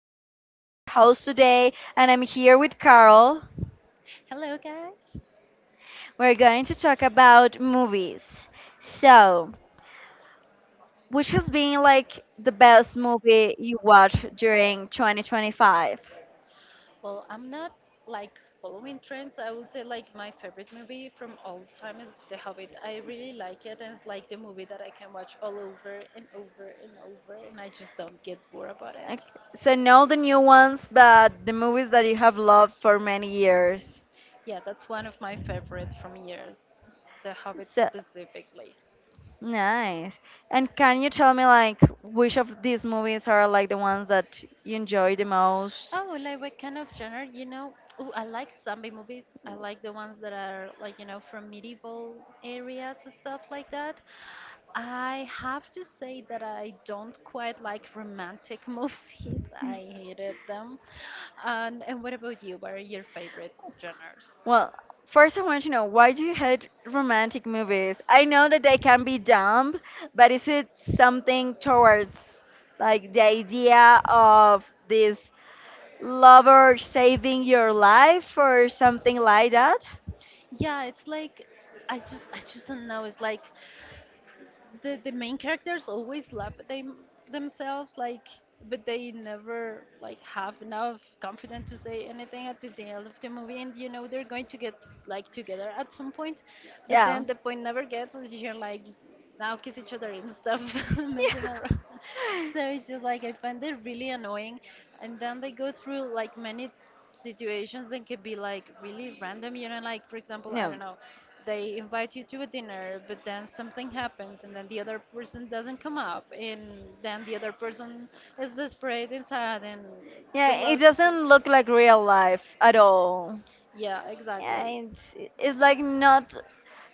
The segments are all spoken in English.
Mariana. I'm your host today and I'm here with Carl. Hello, guys. We're going to talk about movies. So, which has been like the best movie you watched during 2025? I'm not like following trends. I would say like my favorite movie from all time is The Hobbit. I really like it, and it's like the movie that I can watch all over and over and over, and I just don't get bored about it. Okay. So, not the new ones, but the movies that you have loved for many years. Yeah, that's one of my favorite from years, The Hobbit So, specifically. nice. And can you tell me like which of these movies are like the ones that you enjoy the most? Oh, like what kind of genre, you know? Oh, I like zombie movies. I like the ones that are like, you know, from medieval areas and stuff like that. I have to say that I don't quite like romantic movies. I hated them. And what about you? What are your favorite genres? Well, first I want to know why do you hate romantic movies? I know that they can be dumb, but is it something towards like the idea of this lover saving your life or something like that? Yeah, it's like I just don't know. It's like the main characters always love them themselves, like, but they never like have enough confidence to say anything at the end of the movie, and you know they're going to get like together at some point. But Yeah. then the point never gets, so you're like, now kiss each other and stuff, messing around. Yeah. So it's just like I find it really annoying. And then they go through like many situations that can be like really random. You know, like for example, I don't No. know, they invite you to a dinner, but then something happens, and then the other person doesn't come up, and then the other person is desperate and sad and the Yeah, it loss. doesn't look like real life at all. Yeah, Yeah, exactly. It's like not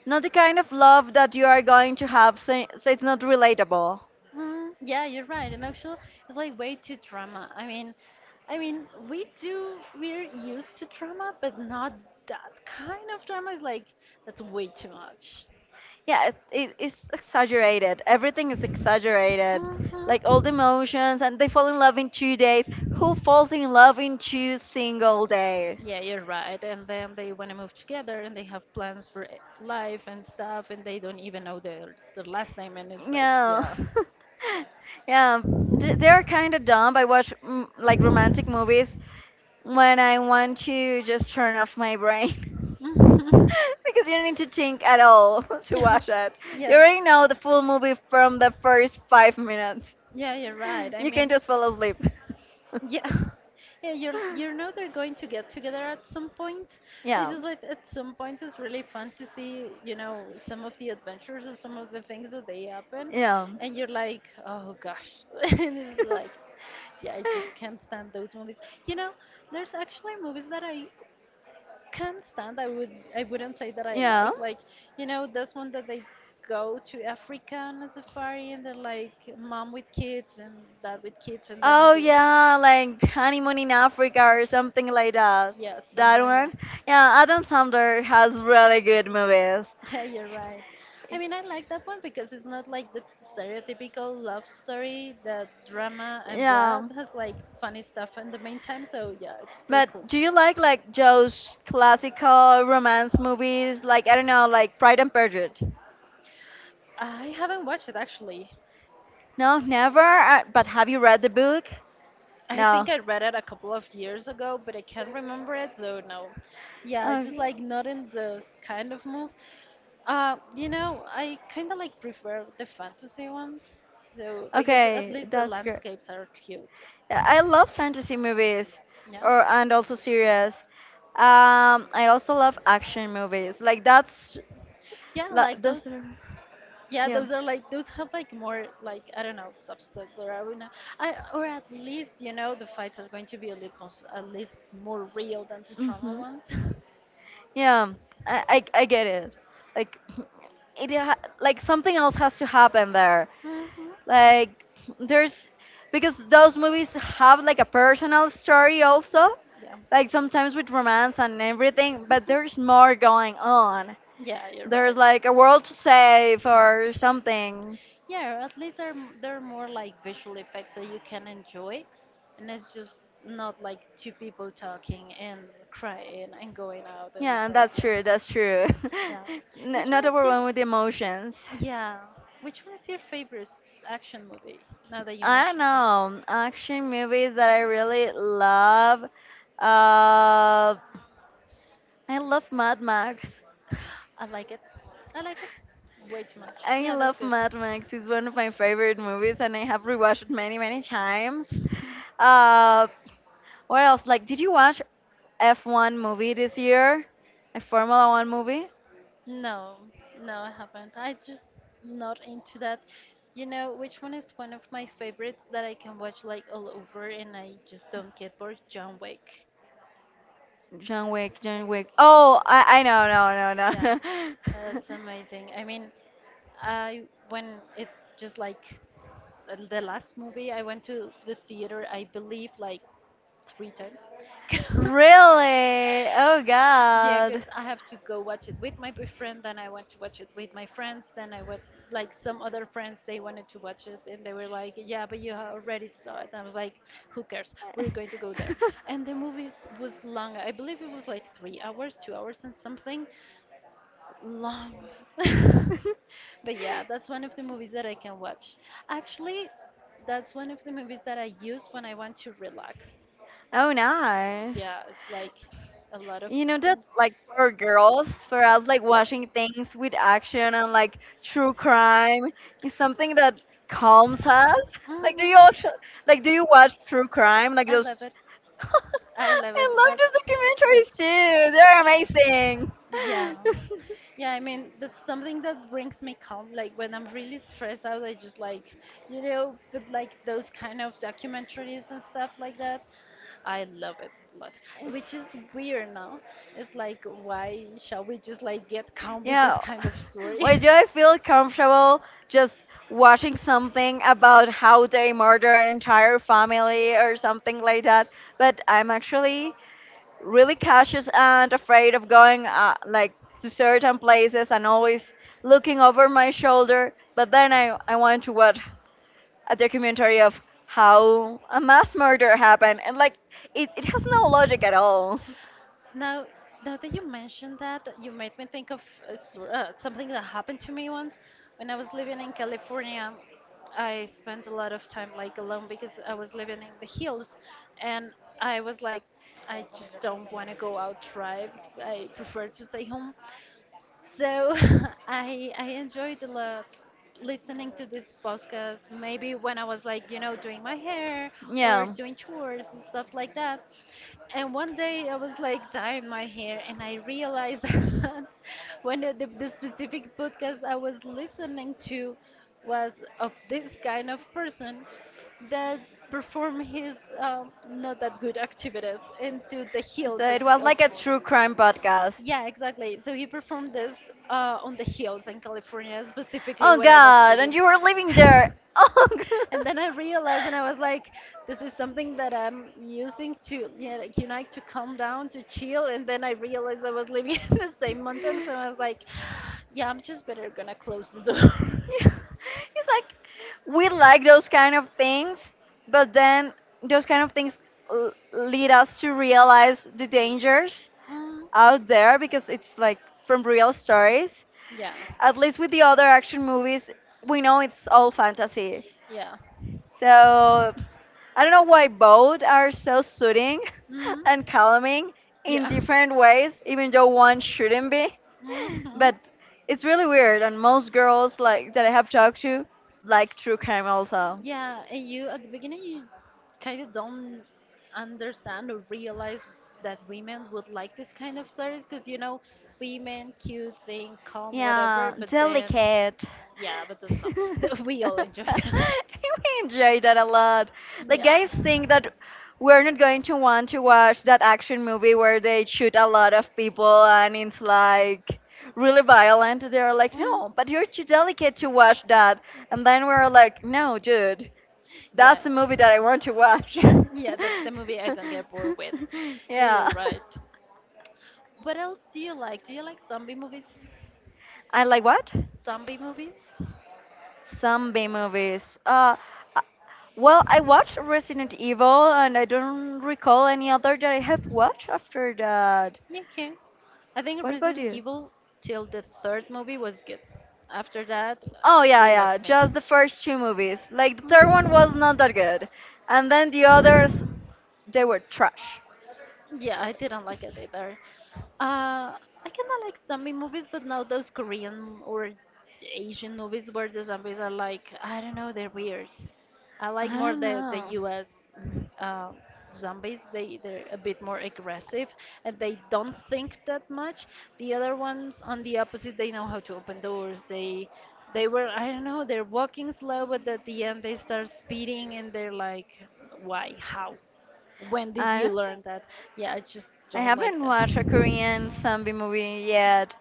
not the kind of love that you are going to have, so so it's not relatable. Mm, yeah, you're right. And actually, it's like way too drama. I mean, we're used to drama, but not that kind of drama. It's like, that's way too much. Yeah, it's exaggerated. Everything is exaggerated, like all the Mhm. emotions, and they fall in love in 2 days. Who falls in love in two single days? Yeah, you're right. And then they want to move together and they have plans for life and stuff, and they don't even know their last name. And it's like, Yeah. yeah. Yeah. They're kind of dumb. I watch, like, romantic movies when I want to just turn off my brain Mhm. because you don't need to think at all to watch it. You Yeah. already know the full movie from the first 5 minutes. Yeah, you're right. You can just fall asleep. yeah, yeah, you're you know they're going to get together at some point. It's Yeah. just like at some point it's really fun to see, you know, some of the adventures or some of the things that they happen, Yeah. and you're like, oh gosh, and it's like, yeah, I just can't stand those movies. You know, there's actually movies that I can't stand. I wouldn't say that I Yeah. Like, you know, this one that they go to Africa on a safari and they're like mom with kids and dad with kids Oh yeah, like honeymoon in Africa or something like that. yeah, something That like that. one. Yeah, Adam Sandler has really good movies. Yeah, you're right. I mean, I like that one because it's not like the stereotypical love story, the drama and blah. Yeah. It has like funny stuff in the meantime, so yeah, it's pretty But cool. do you like Joe's classical romance movies? Like I don't know, like Pride and Prejudice. I haven't watched it actually. No, never. But have you read the book? I No. think I read it a couple of years ago, but I can't remember it, so no. Yeah, just Okay. like not in this kind of move. You know, I kind of like prefer the fantasy ones, so because at Okay, least the that's great. landscapes are cute. Yeah, I love fantasy movies Yeah. or and also series. I also love action movies. Like that's Yeah, like that's those. Yeah, yeah. those are like those have like more like I don't know substance or I don't know, I or at least you know the fights are going to be a little at least more real than the trauma Mhm. ones. Yeah. I get it. Like like something else has to happen there. hmm Like there's because those movies have like a personal story also. Yeah, Like sometimes with romance and everything, but there's more going on. yeah, you're There's right. like a world to save or something. Yeah, at least they're they're more like visual effects that you can enjoy, and it's just not like two people talking and crying and going out, and Yeah, it's like that's yeah, true. That's true. yeah. Which one Not is your overwhelmed with emotions. yeah? Which one is your favorite action movie? Now that you I don't mentioned, know. Action movies that I really love. Uh, I love Mad Max. I like it. I like it way too much. I Yeah, that's love good. Mad Max. It's one of my favorite movies, and I have rewatched it many, many times. Uh, what else? Like, did you watch F1 movie this year? A Formula One movie? No, no, I haven't. I just not into that. You know, which one is one of my favorites that I can watch like all over and I just don't get bored? John Wick. John Wick, John Wick. Oh, I know, no, no, Yeah, no. that's amazing. I mean, I when it just like the last movie, I went to the theater, I believe, like three times. 'Cause- Really? Oh Yeah, God. because I have to go watch it with my boyfriend, then I went to watch it with my friends, then I went, like, some other friends, they wanted to watch it, and they were like, yeah, but you already saw it. And I was like, who cares? We're going to go there. And the movie was long. I believe it was like 3 hours, 2 hours and something. Long. But yeah, that's one of the movies that I can watch. Actually, that's one of the movies that I use when I want to relax. Oh, nice. Yeah, it's like a lot of You know that, things. like, for Mhm. girls, for us, like, watching things with action and, like, true crime is something that calms us. Like, do you also, like, do you watch true crime? Like, I those. love it. I love I it. love That's those documentaries too. They're yeah. amazing. Yeah. Yeah, I mean, that's something that brings me calm. Like when I'm really stressed out, I just like, you know, put like those kind of documentaries and stuff like that. I love it a lot, which is weird now. It's like, why shall we just like get calm with this Yeah. kind of story? Why do I feel comfortable just watching something about how they murder an entire family or something like that? But I'm actually really cautious and afraid of going like to certain places, and always looking over my shoulder. But then I want to watch a documentary of how a mass murder happened, and like it has no logic at all. Now, now that you mentioned that, you made me think of a something that happened to me once when I was living in California. I spent a lot of time like alone because I was living in the hills, and I was like, I just don't want to go out drive 'cause I prefer to stay home. So I enjoyed a lot listening to this podcast. Maybe when I was like, you know, doing my hair or Yeah. doing chores and stuff like that. And one day I was like dyeing my hair, and I realized that when the specific podcast I was listening to was of this kind of person that perform his not that good activities into the So heels it was of like a true crime podcast. yeah, exactly. So he performed this on the hills in California, specifically Oh when I was God, and living. you were living there. Oh And God. then I realized, and I was like, this is something that I'm using to, yeah, like, you know, like, to calm down, to chill. And then I realized I was living in the Yeah. same mountain, so I was like, yeah, I'm just better gonna close the door. It's like we like those kind of things, but then those kind of things lead us to realize the dangers Mm, out there, because it's like from real stories. yeah, At least with the other action movies, we know it's all fantasy. yeah, So I don't know why both are so soothing mm, and calming in yeah. different ways, even though one shouldn't be. hmm But it's really weird, and most girls like that I have talked to like True Crime also. Yeah, and you at the beginning you kind of don't understand or realize that women would like this kind of stories because you know women cute thing calm whatever Yeah, but then delicate. yeah but that's not We we all enjoy that, enjoy that a lot. Like yeah. guys think that we're not going to want to watch that action movie where they shoot a lot of people and it's like really violent. They're like, Mm. no, but you're too delicate to watch that. And then we're like, no, dude, that's the movie that I want to watch. Yeah. Yeah, that's the movie I don't get bored with. Yeah, you're Yeah. right. What else do you like? Do you like zombie movies? I like what? Zombie movies? Some B movies. Uh, well, I watched Resident Evil, and I don't recall any other that I have watched after that. Okay. I think What about Resident you? Evil till the third movie was good. After that, Oh yeah, they lost yeah, me. just the first two movies. Like the third one was not that good, and then the others Mm. they were trash. Yeah, I didn't like it either. I kind of like zombie movies, but now those Korean or Asian movies where the zombies are like, I don't know, they're weird. I I like more don't the know. US uh, zombies. They're a bit more aggressive and they don't think that much. The other ones, on the opposite, they know how to open doors. They were I don't know, they're walking slow, but at the end they start speeding and they're like, why, how? When did I you don't, learn that? Yeah, I just I don't like haven't that. watched a Korean zombie movie yet.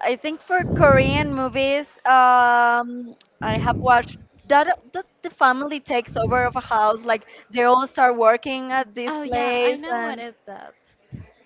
I think for Korean movies, I have watched that the family takes over of a house, like they all start working at this Oh yeah, I place, know what and is that.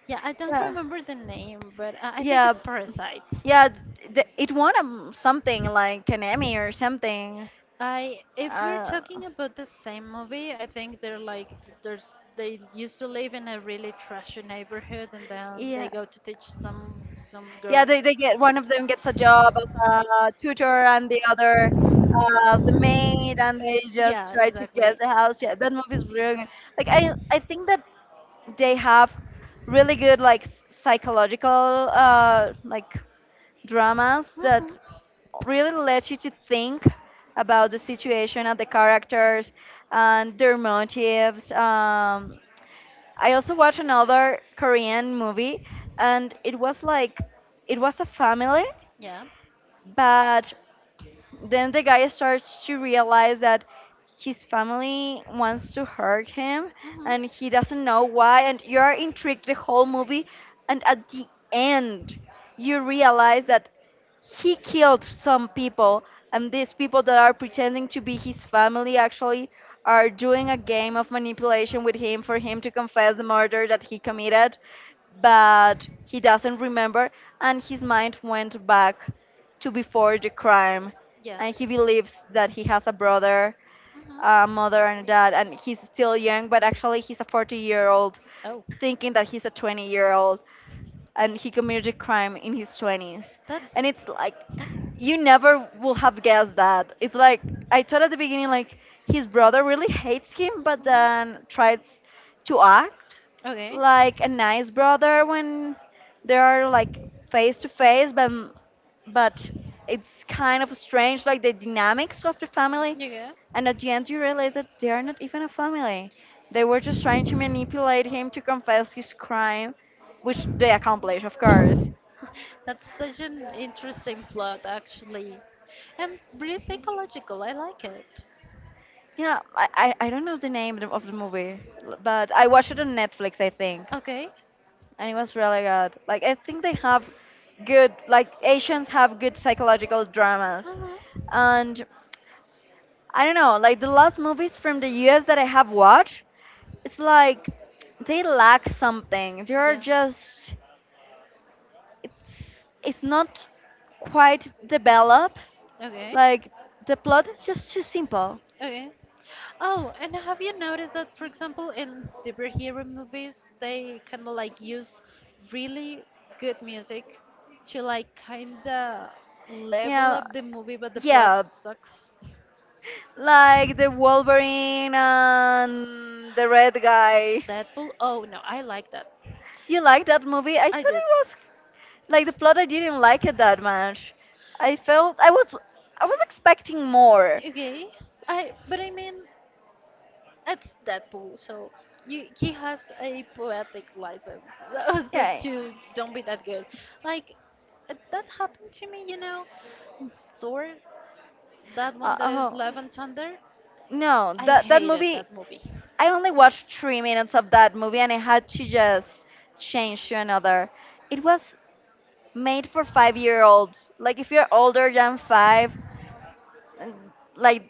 Yeah, I don't yeah, remember the name, but I think yeah, it's Parasite. yeah. It won something like an Emmy or something. I if we're Uh, talking about the same movie, I think they're like th- there's they used to live in a really trashy neighborhood and then they yeah, go to teach some yeah. girl. They get One of them gets a job as a tutor, and the other as a maid, and they just Yeah, try to get exactly. the house. Yeah, that movie's really good. Like I think that they have really good like psychological like dramas Mhm. that really let you to think about the situation of the characters and their motives. I also watched another Korean movie, and it was like it was a family, Yeah. but then the guy starts to realize that his family wants to hurt him Mhm. and he doesn't know why. And you're intrigued the whole movie. And at the end, you realize that he killed some people, and these people that are pretending to be his family actually are doing a game of manipulation with him for him to confess the murder that he committed, but he doesn't remember, and his mind went back to before the crime, and he believes that he has a brother, Mhm. a mother and a dad, and he's still young, but actually he's a 40-year-old Oh. thinking that he's a 20-year old, and he committed a crime in his 20s. That's And it's like, you never will have guessed that. It's like, I thought at the beginning, like, his brother really hates him, but then tries to act okay. like a nice brother when they are like face to face, but but it's kind of strange, like the dynamics of the family. Yeah, And at the end, you realize that they are not even a family. They were just trying to manipulate him to confess his crime, which they accomplished, of course. that's such an interesting plot, actually, and really psychological. I like Yeah, I don't know the name of the movie, but I watched it on it. Netflix, I think. Okay. And it was really good. Like, I think they have good, like, Asians have good psychological dramas. Uh-huh. And I don't know, like, the last movies from the US that I have watched, it's like they lack something. They're Yeah. just it's it's not quite developed. Okay. Like the plot is just too simple. Okay. Oh, and have you noticed that, for example, in superhero movies, they kind of like use really good music to like kind of level Yeah, up the movie, but the plot yeah. sucks? Like the Wolverine and the red guy. Deadpool? Oh no, I like that. You like that movie? I thought I did. it was like the plot. I didn't like it that much. I felt I was expecting more. Okay. I mean it's Deadpool, so you, he has a poetic license. So Yeah. to don't be that good. Like that happened to me, you know. Thor, that one that is Oh Love and Thunder. no, I that hated movie that movie. I only watched 3 minutes of that movie and I had to just change to another. It was made for 5 year olds. Like, if you're older than five, like,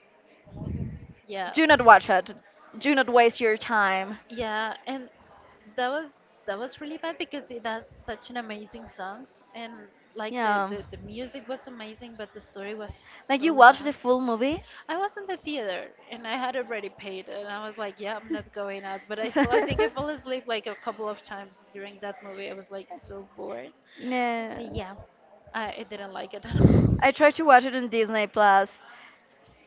Yeah. do not watch it. Do not waste your time. Yeah, and that was really bad because it has such an amazing songs and like Yeah. The music was amazing but the story was Like, you so watch bad. the full movie? I was in the theater and I had already paid and I was like, yeah, I'm not going out. But I fell, I think I fell asleep like a couple of times during that movie. I was like so bored. So No. yeah, I didn't like it at all. I tried to watch it on Disney Plus.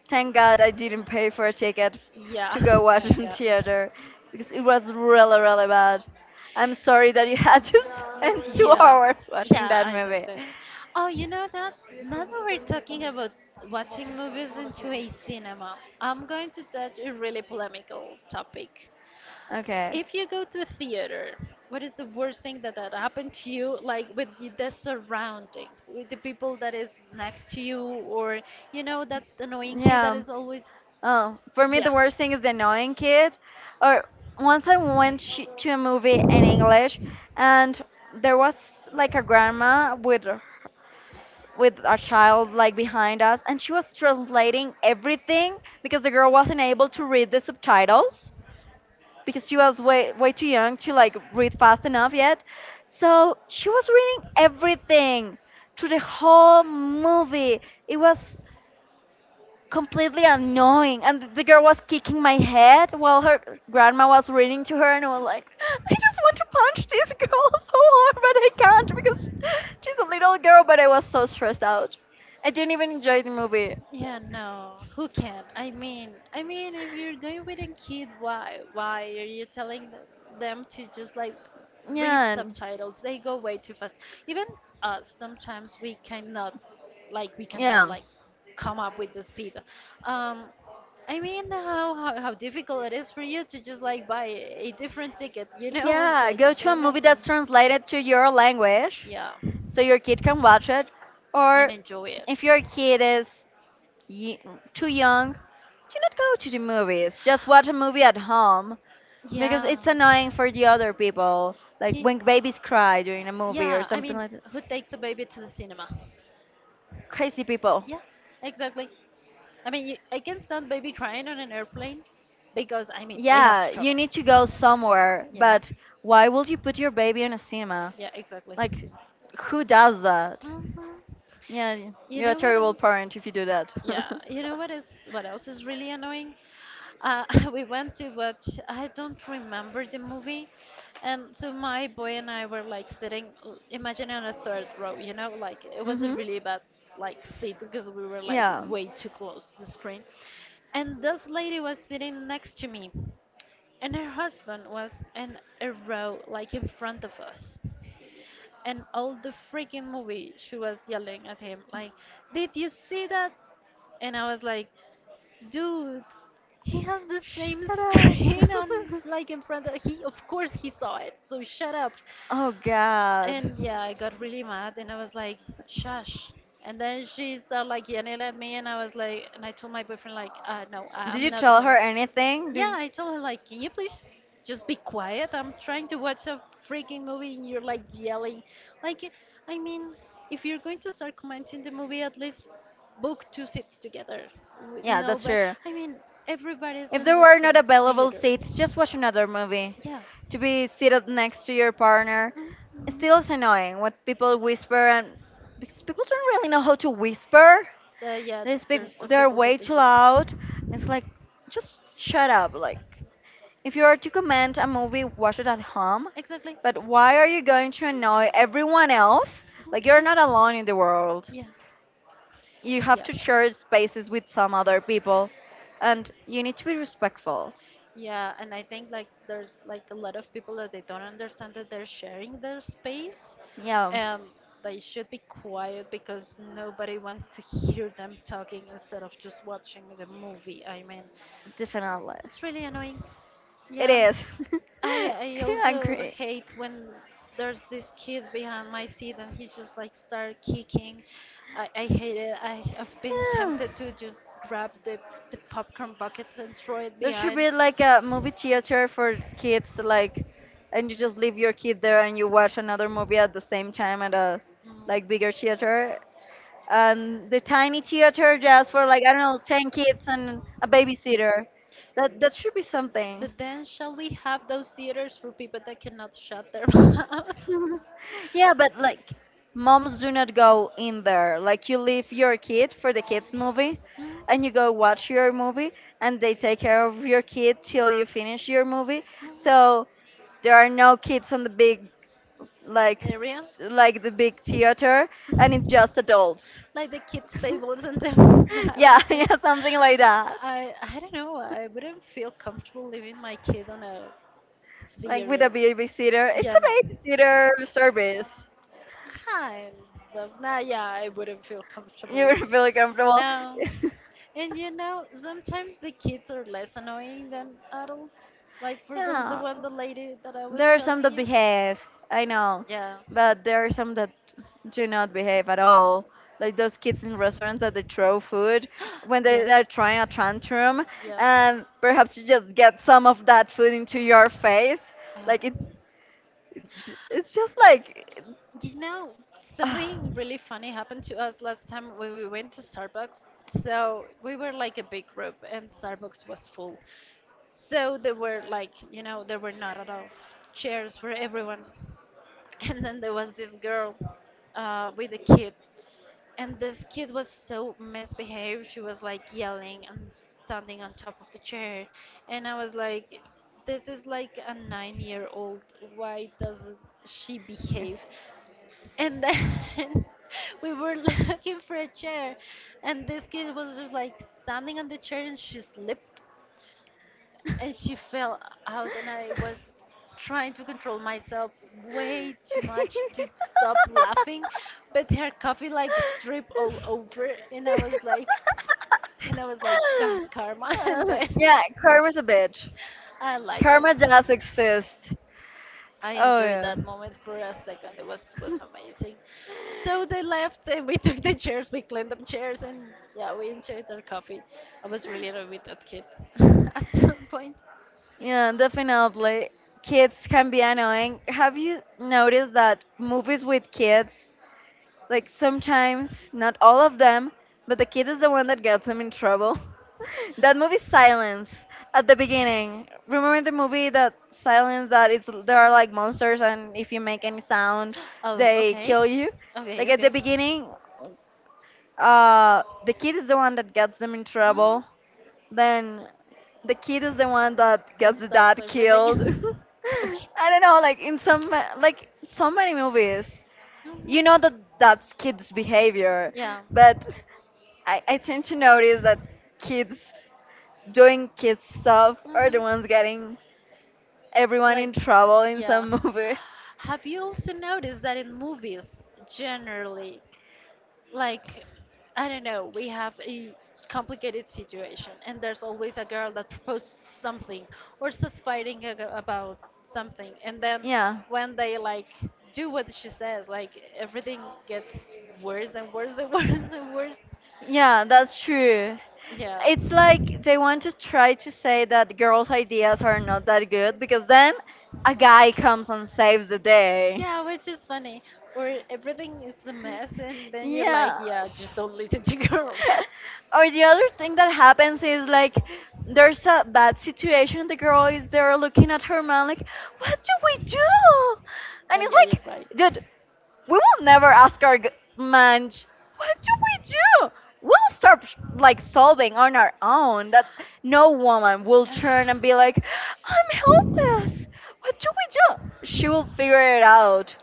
Thank God I didn't pay for a ticket Yeah, to go watch my in God. theater, because it was really, really bad. I'm sorry that you had to spend two Yeah, hours watching yeah, that I said movie. that. Oh, you know that? Now that we're talking about watching movies into a cinema, I'm going to touch a really polemical topic. Okay. If you go to a theater, what is the worst thing that, that happened to you, like with the surroundings, with the people that is next to you, or you know that annoying kid that Yeah. is always, Oh, for me, yeah. the worst thing is the annoying kid. Or once I went to a movie in English, and there was like a grandma with with a child like behind us, and she was translating everything because the girl wasn't able to read the subtitles, because she was way way too young to like read fast enough yet. So she was reading everything through the whole movie. It was completely annoying, and the girl was kicking my head while her grandma was reading to her, and I was like, I just want to punch this girl so hard, but I can't because she's a little girl. But I was so stressed out. I didn't even enjoy the movie. Yeah, no. Who can? I mean, if you're going with a kid, why? Why are you telling them to just like read Yeah, and- subtitles? They go way too fast. Even us, sometimes we cannot yeah. like come up with the speed. Um, I mean, how, how difficult it is for you to just like buy a different ticket, you know? It's Yeah, like go to a you're movie not. that's translated to your language Yeah. so your kid can watch it. And Or enjoy if if it. your kid is y- too young, do not go to the movies. Just watch a movie at home, because Yeah. it's annoying for the other people. Like Ye- when babies cry during a movie or Yeah, I something mean, like that. who takes a baby to the cinema? Crazy people. Yeah, exactly. I mean, you, I can stand baby crying on an airplane because, I mean, they have to Yeah, travel. you need to go somewhere, Yeah, but why would you put your baby in a cinema? yeah, exactly. Like, who does that? Uh-huh. Yeah, You you're a know what terrible else? parent if you do that. Yeah, you know what is what else is really annoying? Uh, we went to watch, I don't remember the movie. And so my boy and I were like sitting, imagine on a third row, you know, like it was a Mhm. really bad like seat because we were like Yeah. way too close to the screen. And this lady was sitting next to me, and her husband was in a row like in front of us. And all the freaking movie, she was yelling at him like, "Did you see that?" And I was like, dude, he has the Shut same up. screen on, like in front of he. Of course, he saw it. So shut up. Oh God. And yeah, I got really mad, and I was like, shush. And then she started like yelling at me, and I was like, and I told my boyfriend like, no, Did I'm you not. tell her anything? Did Yeah, you- I told her like, can you please just be quiet? I'm trying to watch a freaking movie and you're like yelling. Like, I mean, if you're going to start commenting the movie, at least book two seats together. Yeah, No, that's but true. I mean, everybody's If in there this were not available theater. seats, just watch another movie. Yeah. To be seated next to your partner, it still is Mhm. annoying what people whisper and because people don't really know how to whisper. Yeah, They speak, there's some they're people. way too loud, and it's like, just shut up. Like, if you are to comment a movie, watch it at home. Exactly. But why are you going to annoy everyone else? Like, you're not Mhm. alone in the world. Yeah. You have Yeah. to share spaces with some other people. And you need to be respectful. Yeah, and I think like there's like a lot of people that they don't understand that they're sharing their space Yeah, and they should be quiet because nobody wants to hear them talking instead of just watching the movie. I mean, definitely. that's really annoying. It Yeah, yes. is. I I also agree. hate when there's this kid behind my seat and he just like start kicking. I hate it. I've been Yeah. tempted to just grab the popcorn bucket and throw it There should behind. be like a Mm. movie theater for kids, like, and you just leave your kid there and you watch another movie at the same time at a like bigger theater. The tiny theater just for like I don't know, 10 kids and a babysitter. That should be something. But then shall we have those theaters for people that cannot shut their mouth? Yeah, but like moms do not go in there. Like you leave your kid for the kids movie, and you go Oh. watch your movie, and they take care of your kid till you finish your movie. Oh. So there are no kids on the big like Area? Like the big theater, and it's just adults. Like the kids tables and the battles. Yeah, yeah, Like, something like that. I don't know. I wouldn't feel comfortable leaving my kid on a Like with a theater. babysitter. It's Yeah, no. a babysitter service. Kind of. Nah, yeah, I wouldn't feel comfortable. You're really comfortable. No. And you know, sometimes the kids are less annoying than adults. Like for the Yeah, one the lady that I was there are some telling that you. behave. I know, Yeah. but there are some that do not behave at all. Like those kids in restaurants that they throw food when Yes. they're trying a tantrum, Yeah. and perhaps you just get some of that food into your face. Ah. Like it, it's just like. You know, something really funny happened to us last time when we went to Starbucks. So we were like a big group and Starbucks was full. So there were like, you know, there were not at all chairs for everyone. And then there was this girl with a kid. And this kid was so misbehaved. She was like yelling and standing on top of the chair. And I was like, this is like a 9-year old. Why doesn't she behave? And then we were looking for a chair and this kid was just like standing on the chair and she slipped and she fell out and I was trying to control myself way too much to stop laughing but her coffee like dripped all over and I was like and I was like, god, karma. And then yeah, karma's a bitch. I like it Karma does exist. I Oh enjoyed yeah. that moment for a second. It was amazing. So they left and we took the chairs, we cleaned them chairs and yeah, we enjoyed our coffee. I was really annoyed with that kid at some point. Yeah, definitely. Kids can be annoying. Have you noticed that movies with kids, like sometimes, not all of them, but the kid is the one that gets them in trouble. That movie Silence at the beginning. Remember the movie that Silence that it's there are like monsters and if you make any sound, Oh, they okay. kill you. Okay, Like at the okay. beginning, the kid is the one that gets them in Mhm. trouble. Then the kid is the one that That gets the stops dad killed. everything. oh, sh- I don't know, like in some like so many movies. You know Mhm. that that's kids' behavior, yeah. but I tend to notice that kids doing kids stuff are the ones Mhm. getting everyone Like, in trouble in yeah. some movies. Have you also noticed that in movies, generally, like I don't know, we have a complicated situation, and there's always a girl that proposes something or starts fighting about something, and then Yeah, when they like do what she says, like everything gets worse and worse and worse and worse. yeah, that's true. Yeah. It's like they want to try to say that girls' ideas are not that good because then a guy comes and saves the day. Yeah, which is funny. Where everything is a mess, and then you're like, Yeah. yeah, just don't listen to girl. Or the other thing that happens is like there's a bad situation and the girl is there looking at her man like what do we do, Oh and it's yeah, you're like right. dude, we will never ask our man what do we do, we'll start like solving on our own. That no woman will turn and be like I'm helpless, what do we do, she will figure it out.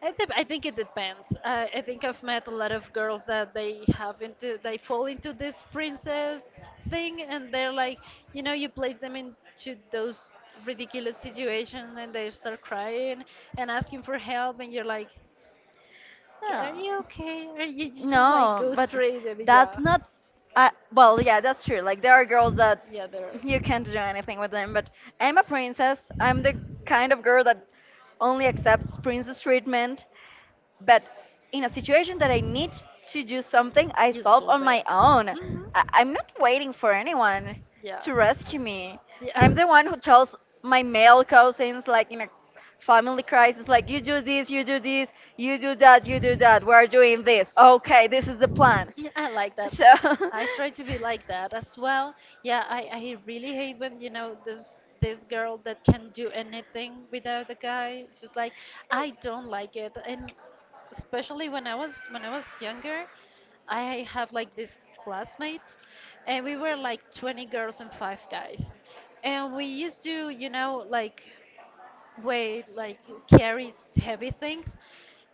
I think it depends. I think I've met a lot of girls that they have into they fall into this princess thing, and they're like, you know, you place them into those ridiculous situations, and they start crying and asking for help, and you're like, are Yeah. you okay? Or you just like No, go but straight? I mean, that's yeah. not. Well, yeah, that's true. Like there are girls that Yeah, there. Are. you can't do anything with them, but I'm a princess. I'm the kind of girl that only accepts princess treatment, but in a situation that I need to do something, I You're solve so on bad. my own. Hmm. I'm not waiting for anyone Yeah. to rescue me. I'm the one who tells my male cousins, like in a family crisis, like you do this, you do this, you do that, you do that. We're doing this. Yeah. Okay, this is the plan. Yeah, I like that. So, I try to be like that as well. Yeah, I really hate when, you know, this girl that can do anything without a guy. It's just like I don't like it. And especially when I was younger, I have like these classmates and we were like 20 girls and 5 guys. And we used to, you know, like weight, like carries heavy things.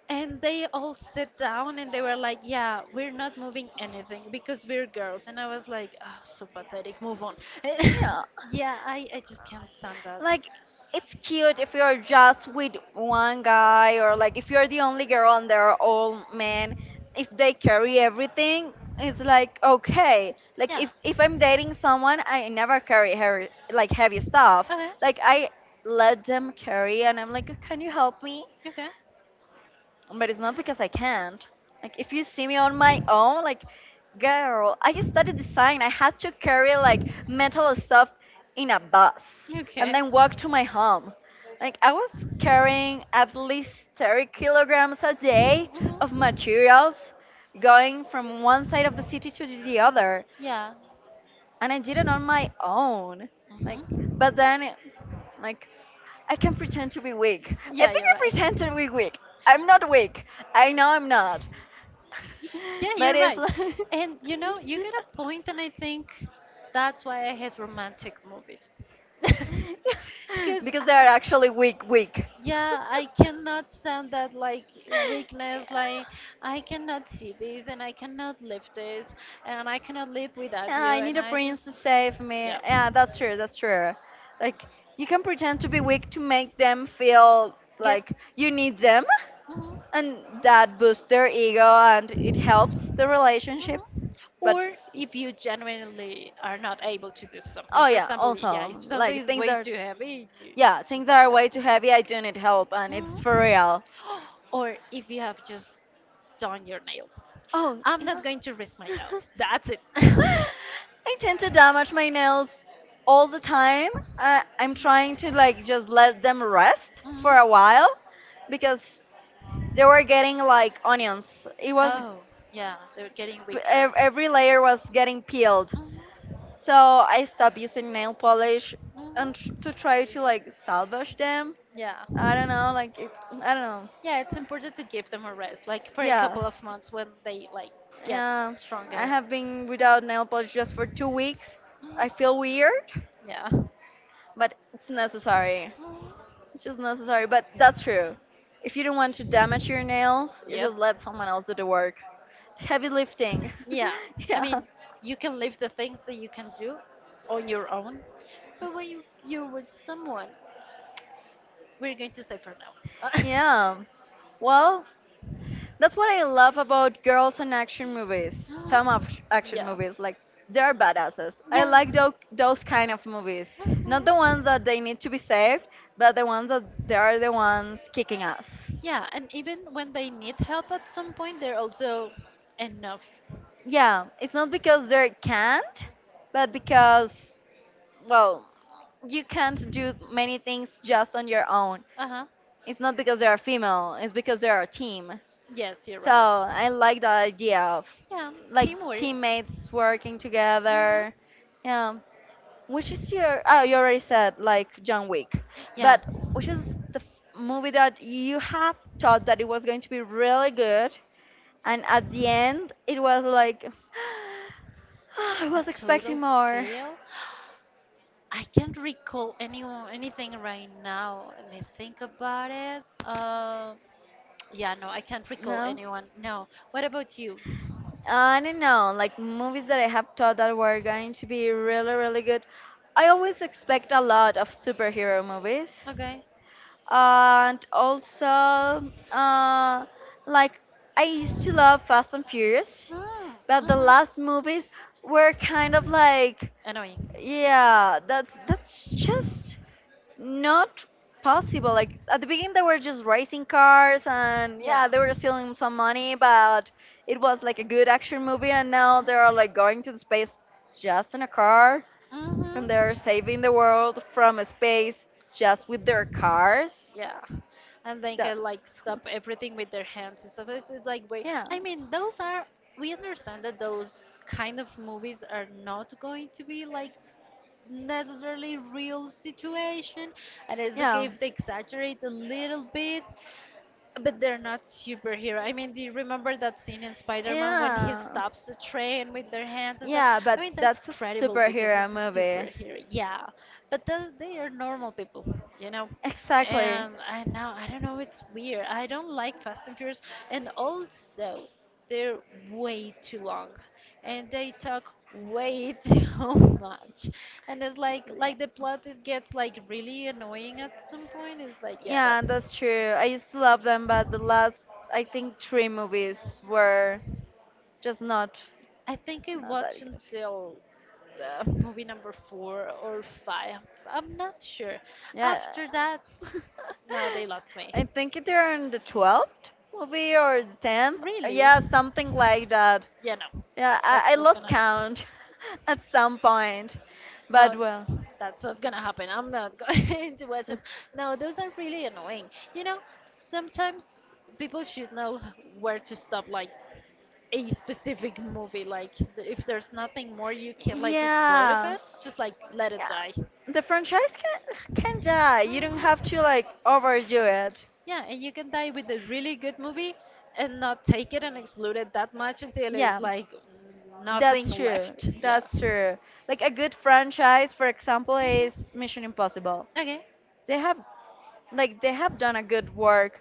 And they all sit down and they were like, yeah, we're not moving anything because we're girls. And I was like, oh, so pathetic, move on. yeah. Yeah, I just can't stand that. Like it's cute if you're just with one guy or like if you're the only girl and they're all men, if they carry everything, it's like okay. Like Yeah. If I'm dating someone I never carry heavy like heavy stuff. Like I let them carry and I'm like, can you help me? Okay. Okay. But it's not because I can't. Like if you see me on my own, like girl, I studied design. I had to carry like metal stuff in a bus and Okay. then walk to my Mhm. home. Like I was carrying at least 30 kilograms a day of materials going from one side of the city to the other, Yeah. and I did it on my own. Like, Mhm. but then, like, I can pretend to be weak. I Yeah, think you're I right. pretend to be weak. I'm not weak. I know I'm not. Yeah, But you're it's right. like, And you know, you get a point, and I think that's why I hate romantic movies. Because, because they are actually weak, weak. yeah, I cannot stand that like weakness. Like, I cannot see this, and I cannot live this, and I cannot live without Yeah, you. I need And a I prince just, to save me. yeah. Yeah, that's true. That's true. Like you can pretend to be weak to make them feel Get. like you need them, Mhm. and that boosts their ego and it helps Mhm. the relationship. But Or if you genuinely are not able to do something, oh for yeah, example, yeah, also if something like is things way are. too heavy, you Yeah, just things like are way ask for too help. heavy. I do need help, and it's for Mhm. real. Or if you have just done your nails, Oh, I'm yeah. not going to risk my nails. That's it. I tend to damage my nails all the time. I'm trying to like just let them rest Mhm. for a while because they were getting like onions. It was Yeah, they're getting weaker. Every layer was getting Peeled. peeled. Mhm. So I stopped using nail polish Mhm. and to try to like salvage them. Yeah. I don't know, like it, I don't know. Yeah, it's important to give them a rest, like for a yeah, couple of Yes. months when they like get I Yeah, I stronger. have been without nail polish just for 2 weeks. I feel weird, Yeah. but it's necessary. Mhm. It's just necessary, but that's true. If you don't want to damage your nails, you just let someone else do the work. It's heavy lifting. Yeah, I Yeah. mean, you can live the things that you can do on your own, but when you're with someone, we're going to say for now. Yeah. Well, that's what I love about girls in action movies. Some of Mhm. action Yeah. movies, like they're badasses. Yeah. I like Mhm. those kind of movies, not the ones that they need to be saved, but the ones that they are the ones kicking ass. Yeah, and even when they need help at some point, they're also enough. Yeah, it's not because they can't, but because well, you can't do many things just on your own. Uh huh. It's not because they are female. It's because they are a team. Yes, you're So right. I like the idea of Yeah, like teamwork. teammates working Mhm. together. Yeah. Which is your? Oh, you already said like John Wick, Yeah, but which is the movie that you have thought that it was going to be really good, and at the end it was like I a was expecting total more. fail. I can't recall anyone anything right now. Let me think about it. Yeah, no, I can't recall No, anyone. No. What about you? I don't know. Like movies that I have thought that were going to be really, really good. I always expect a lot of superhero movies. Okay. And also uh, like I used to love Fast and Furious, Hmm. but the Mhm. last movies were kind of like, Annoying. yeah, that's just not possible. Like at the beginning they were just racing cars and Yeah. yeah, they were stealing some money, but it was like a good action movie and now they are like going to the space just in a car, Mhm. and they're saving the world from space just with their cars. Yeah. And they That, can like stop everything with their hands and stuff. This is like way yeah, I mean, those are we understand that those kind of movies are not going to be like necessarily real situation and it's okay yeah, if they exaggerate a little bit. But they're not superhero. I mean, do you remember that scene in Spider-Man when he yeah, stops the train with their hands and stuff? yeah. I But mean, that's that's a credible because superhero it's a movie. superhero. Yeah, but they are normal people, you know. Exactly. And I know I don't know. It's weird. I don't like Fast and Furious. And also, they're way too long and they talk way too much and it's Yeah, like the plot it gets like really annoying at some point it's like yeah yeah, no that's true. I used to love them, but the last, I think, 3 movies were just not, I think I not that watched good. until movie number four or five I'm not sure Yeah. after that no they lost me. I think they're in the 12th movie or the 10th. Really? Yeah, something like that. Yeah, no. Yeah, I, That's I not lost gonna happen. count at some point. But No, well. that's not gonna happen. I'm not going to watch them. No, those are really annoying. You know, sometimes people should know where to stop, like a specific movie. Like, if there's nothing more you can, like, explode of Yeah. it, just, like, let it Yeah. die. The franchise can die. You don't have Mhm. to like overdo it. Yeah, and you can die with a really good movie and not take it and explode it that much until it's Yeah. like nothing That's true. left. Yeah. That's true. Like a good franchise, for example, Mhm. is Mission Impossible. Okay. They have like they have done a good work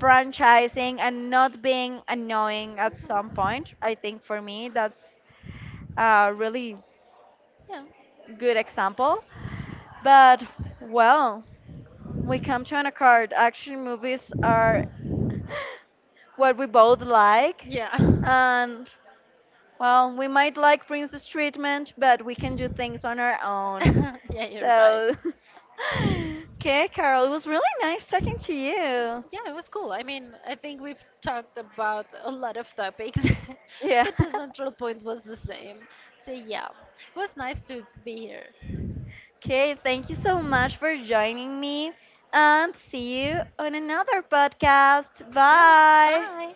franchising and not being annoying at some point. I think for me that's a really Mhm. good example. But well, we come to an accord. Action movies are what we both like. Yeah. And well, we might like Prince's treatment, but we can do things on our own. Yeah. yeah, you're right. So, okay, Carol, it was really nice talking to you. Yeah, it was cool. I mean, I think we've talked about a lot of topics, Yeah. but the central point was the same. So, yeah, it was nice to be here. Okay, thank you so much for joining me and see you on another podcast. Sure, Bye. bye.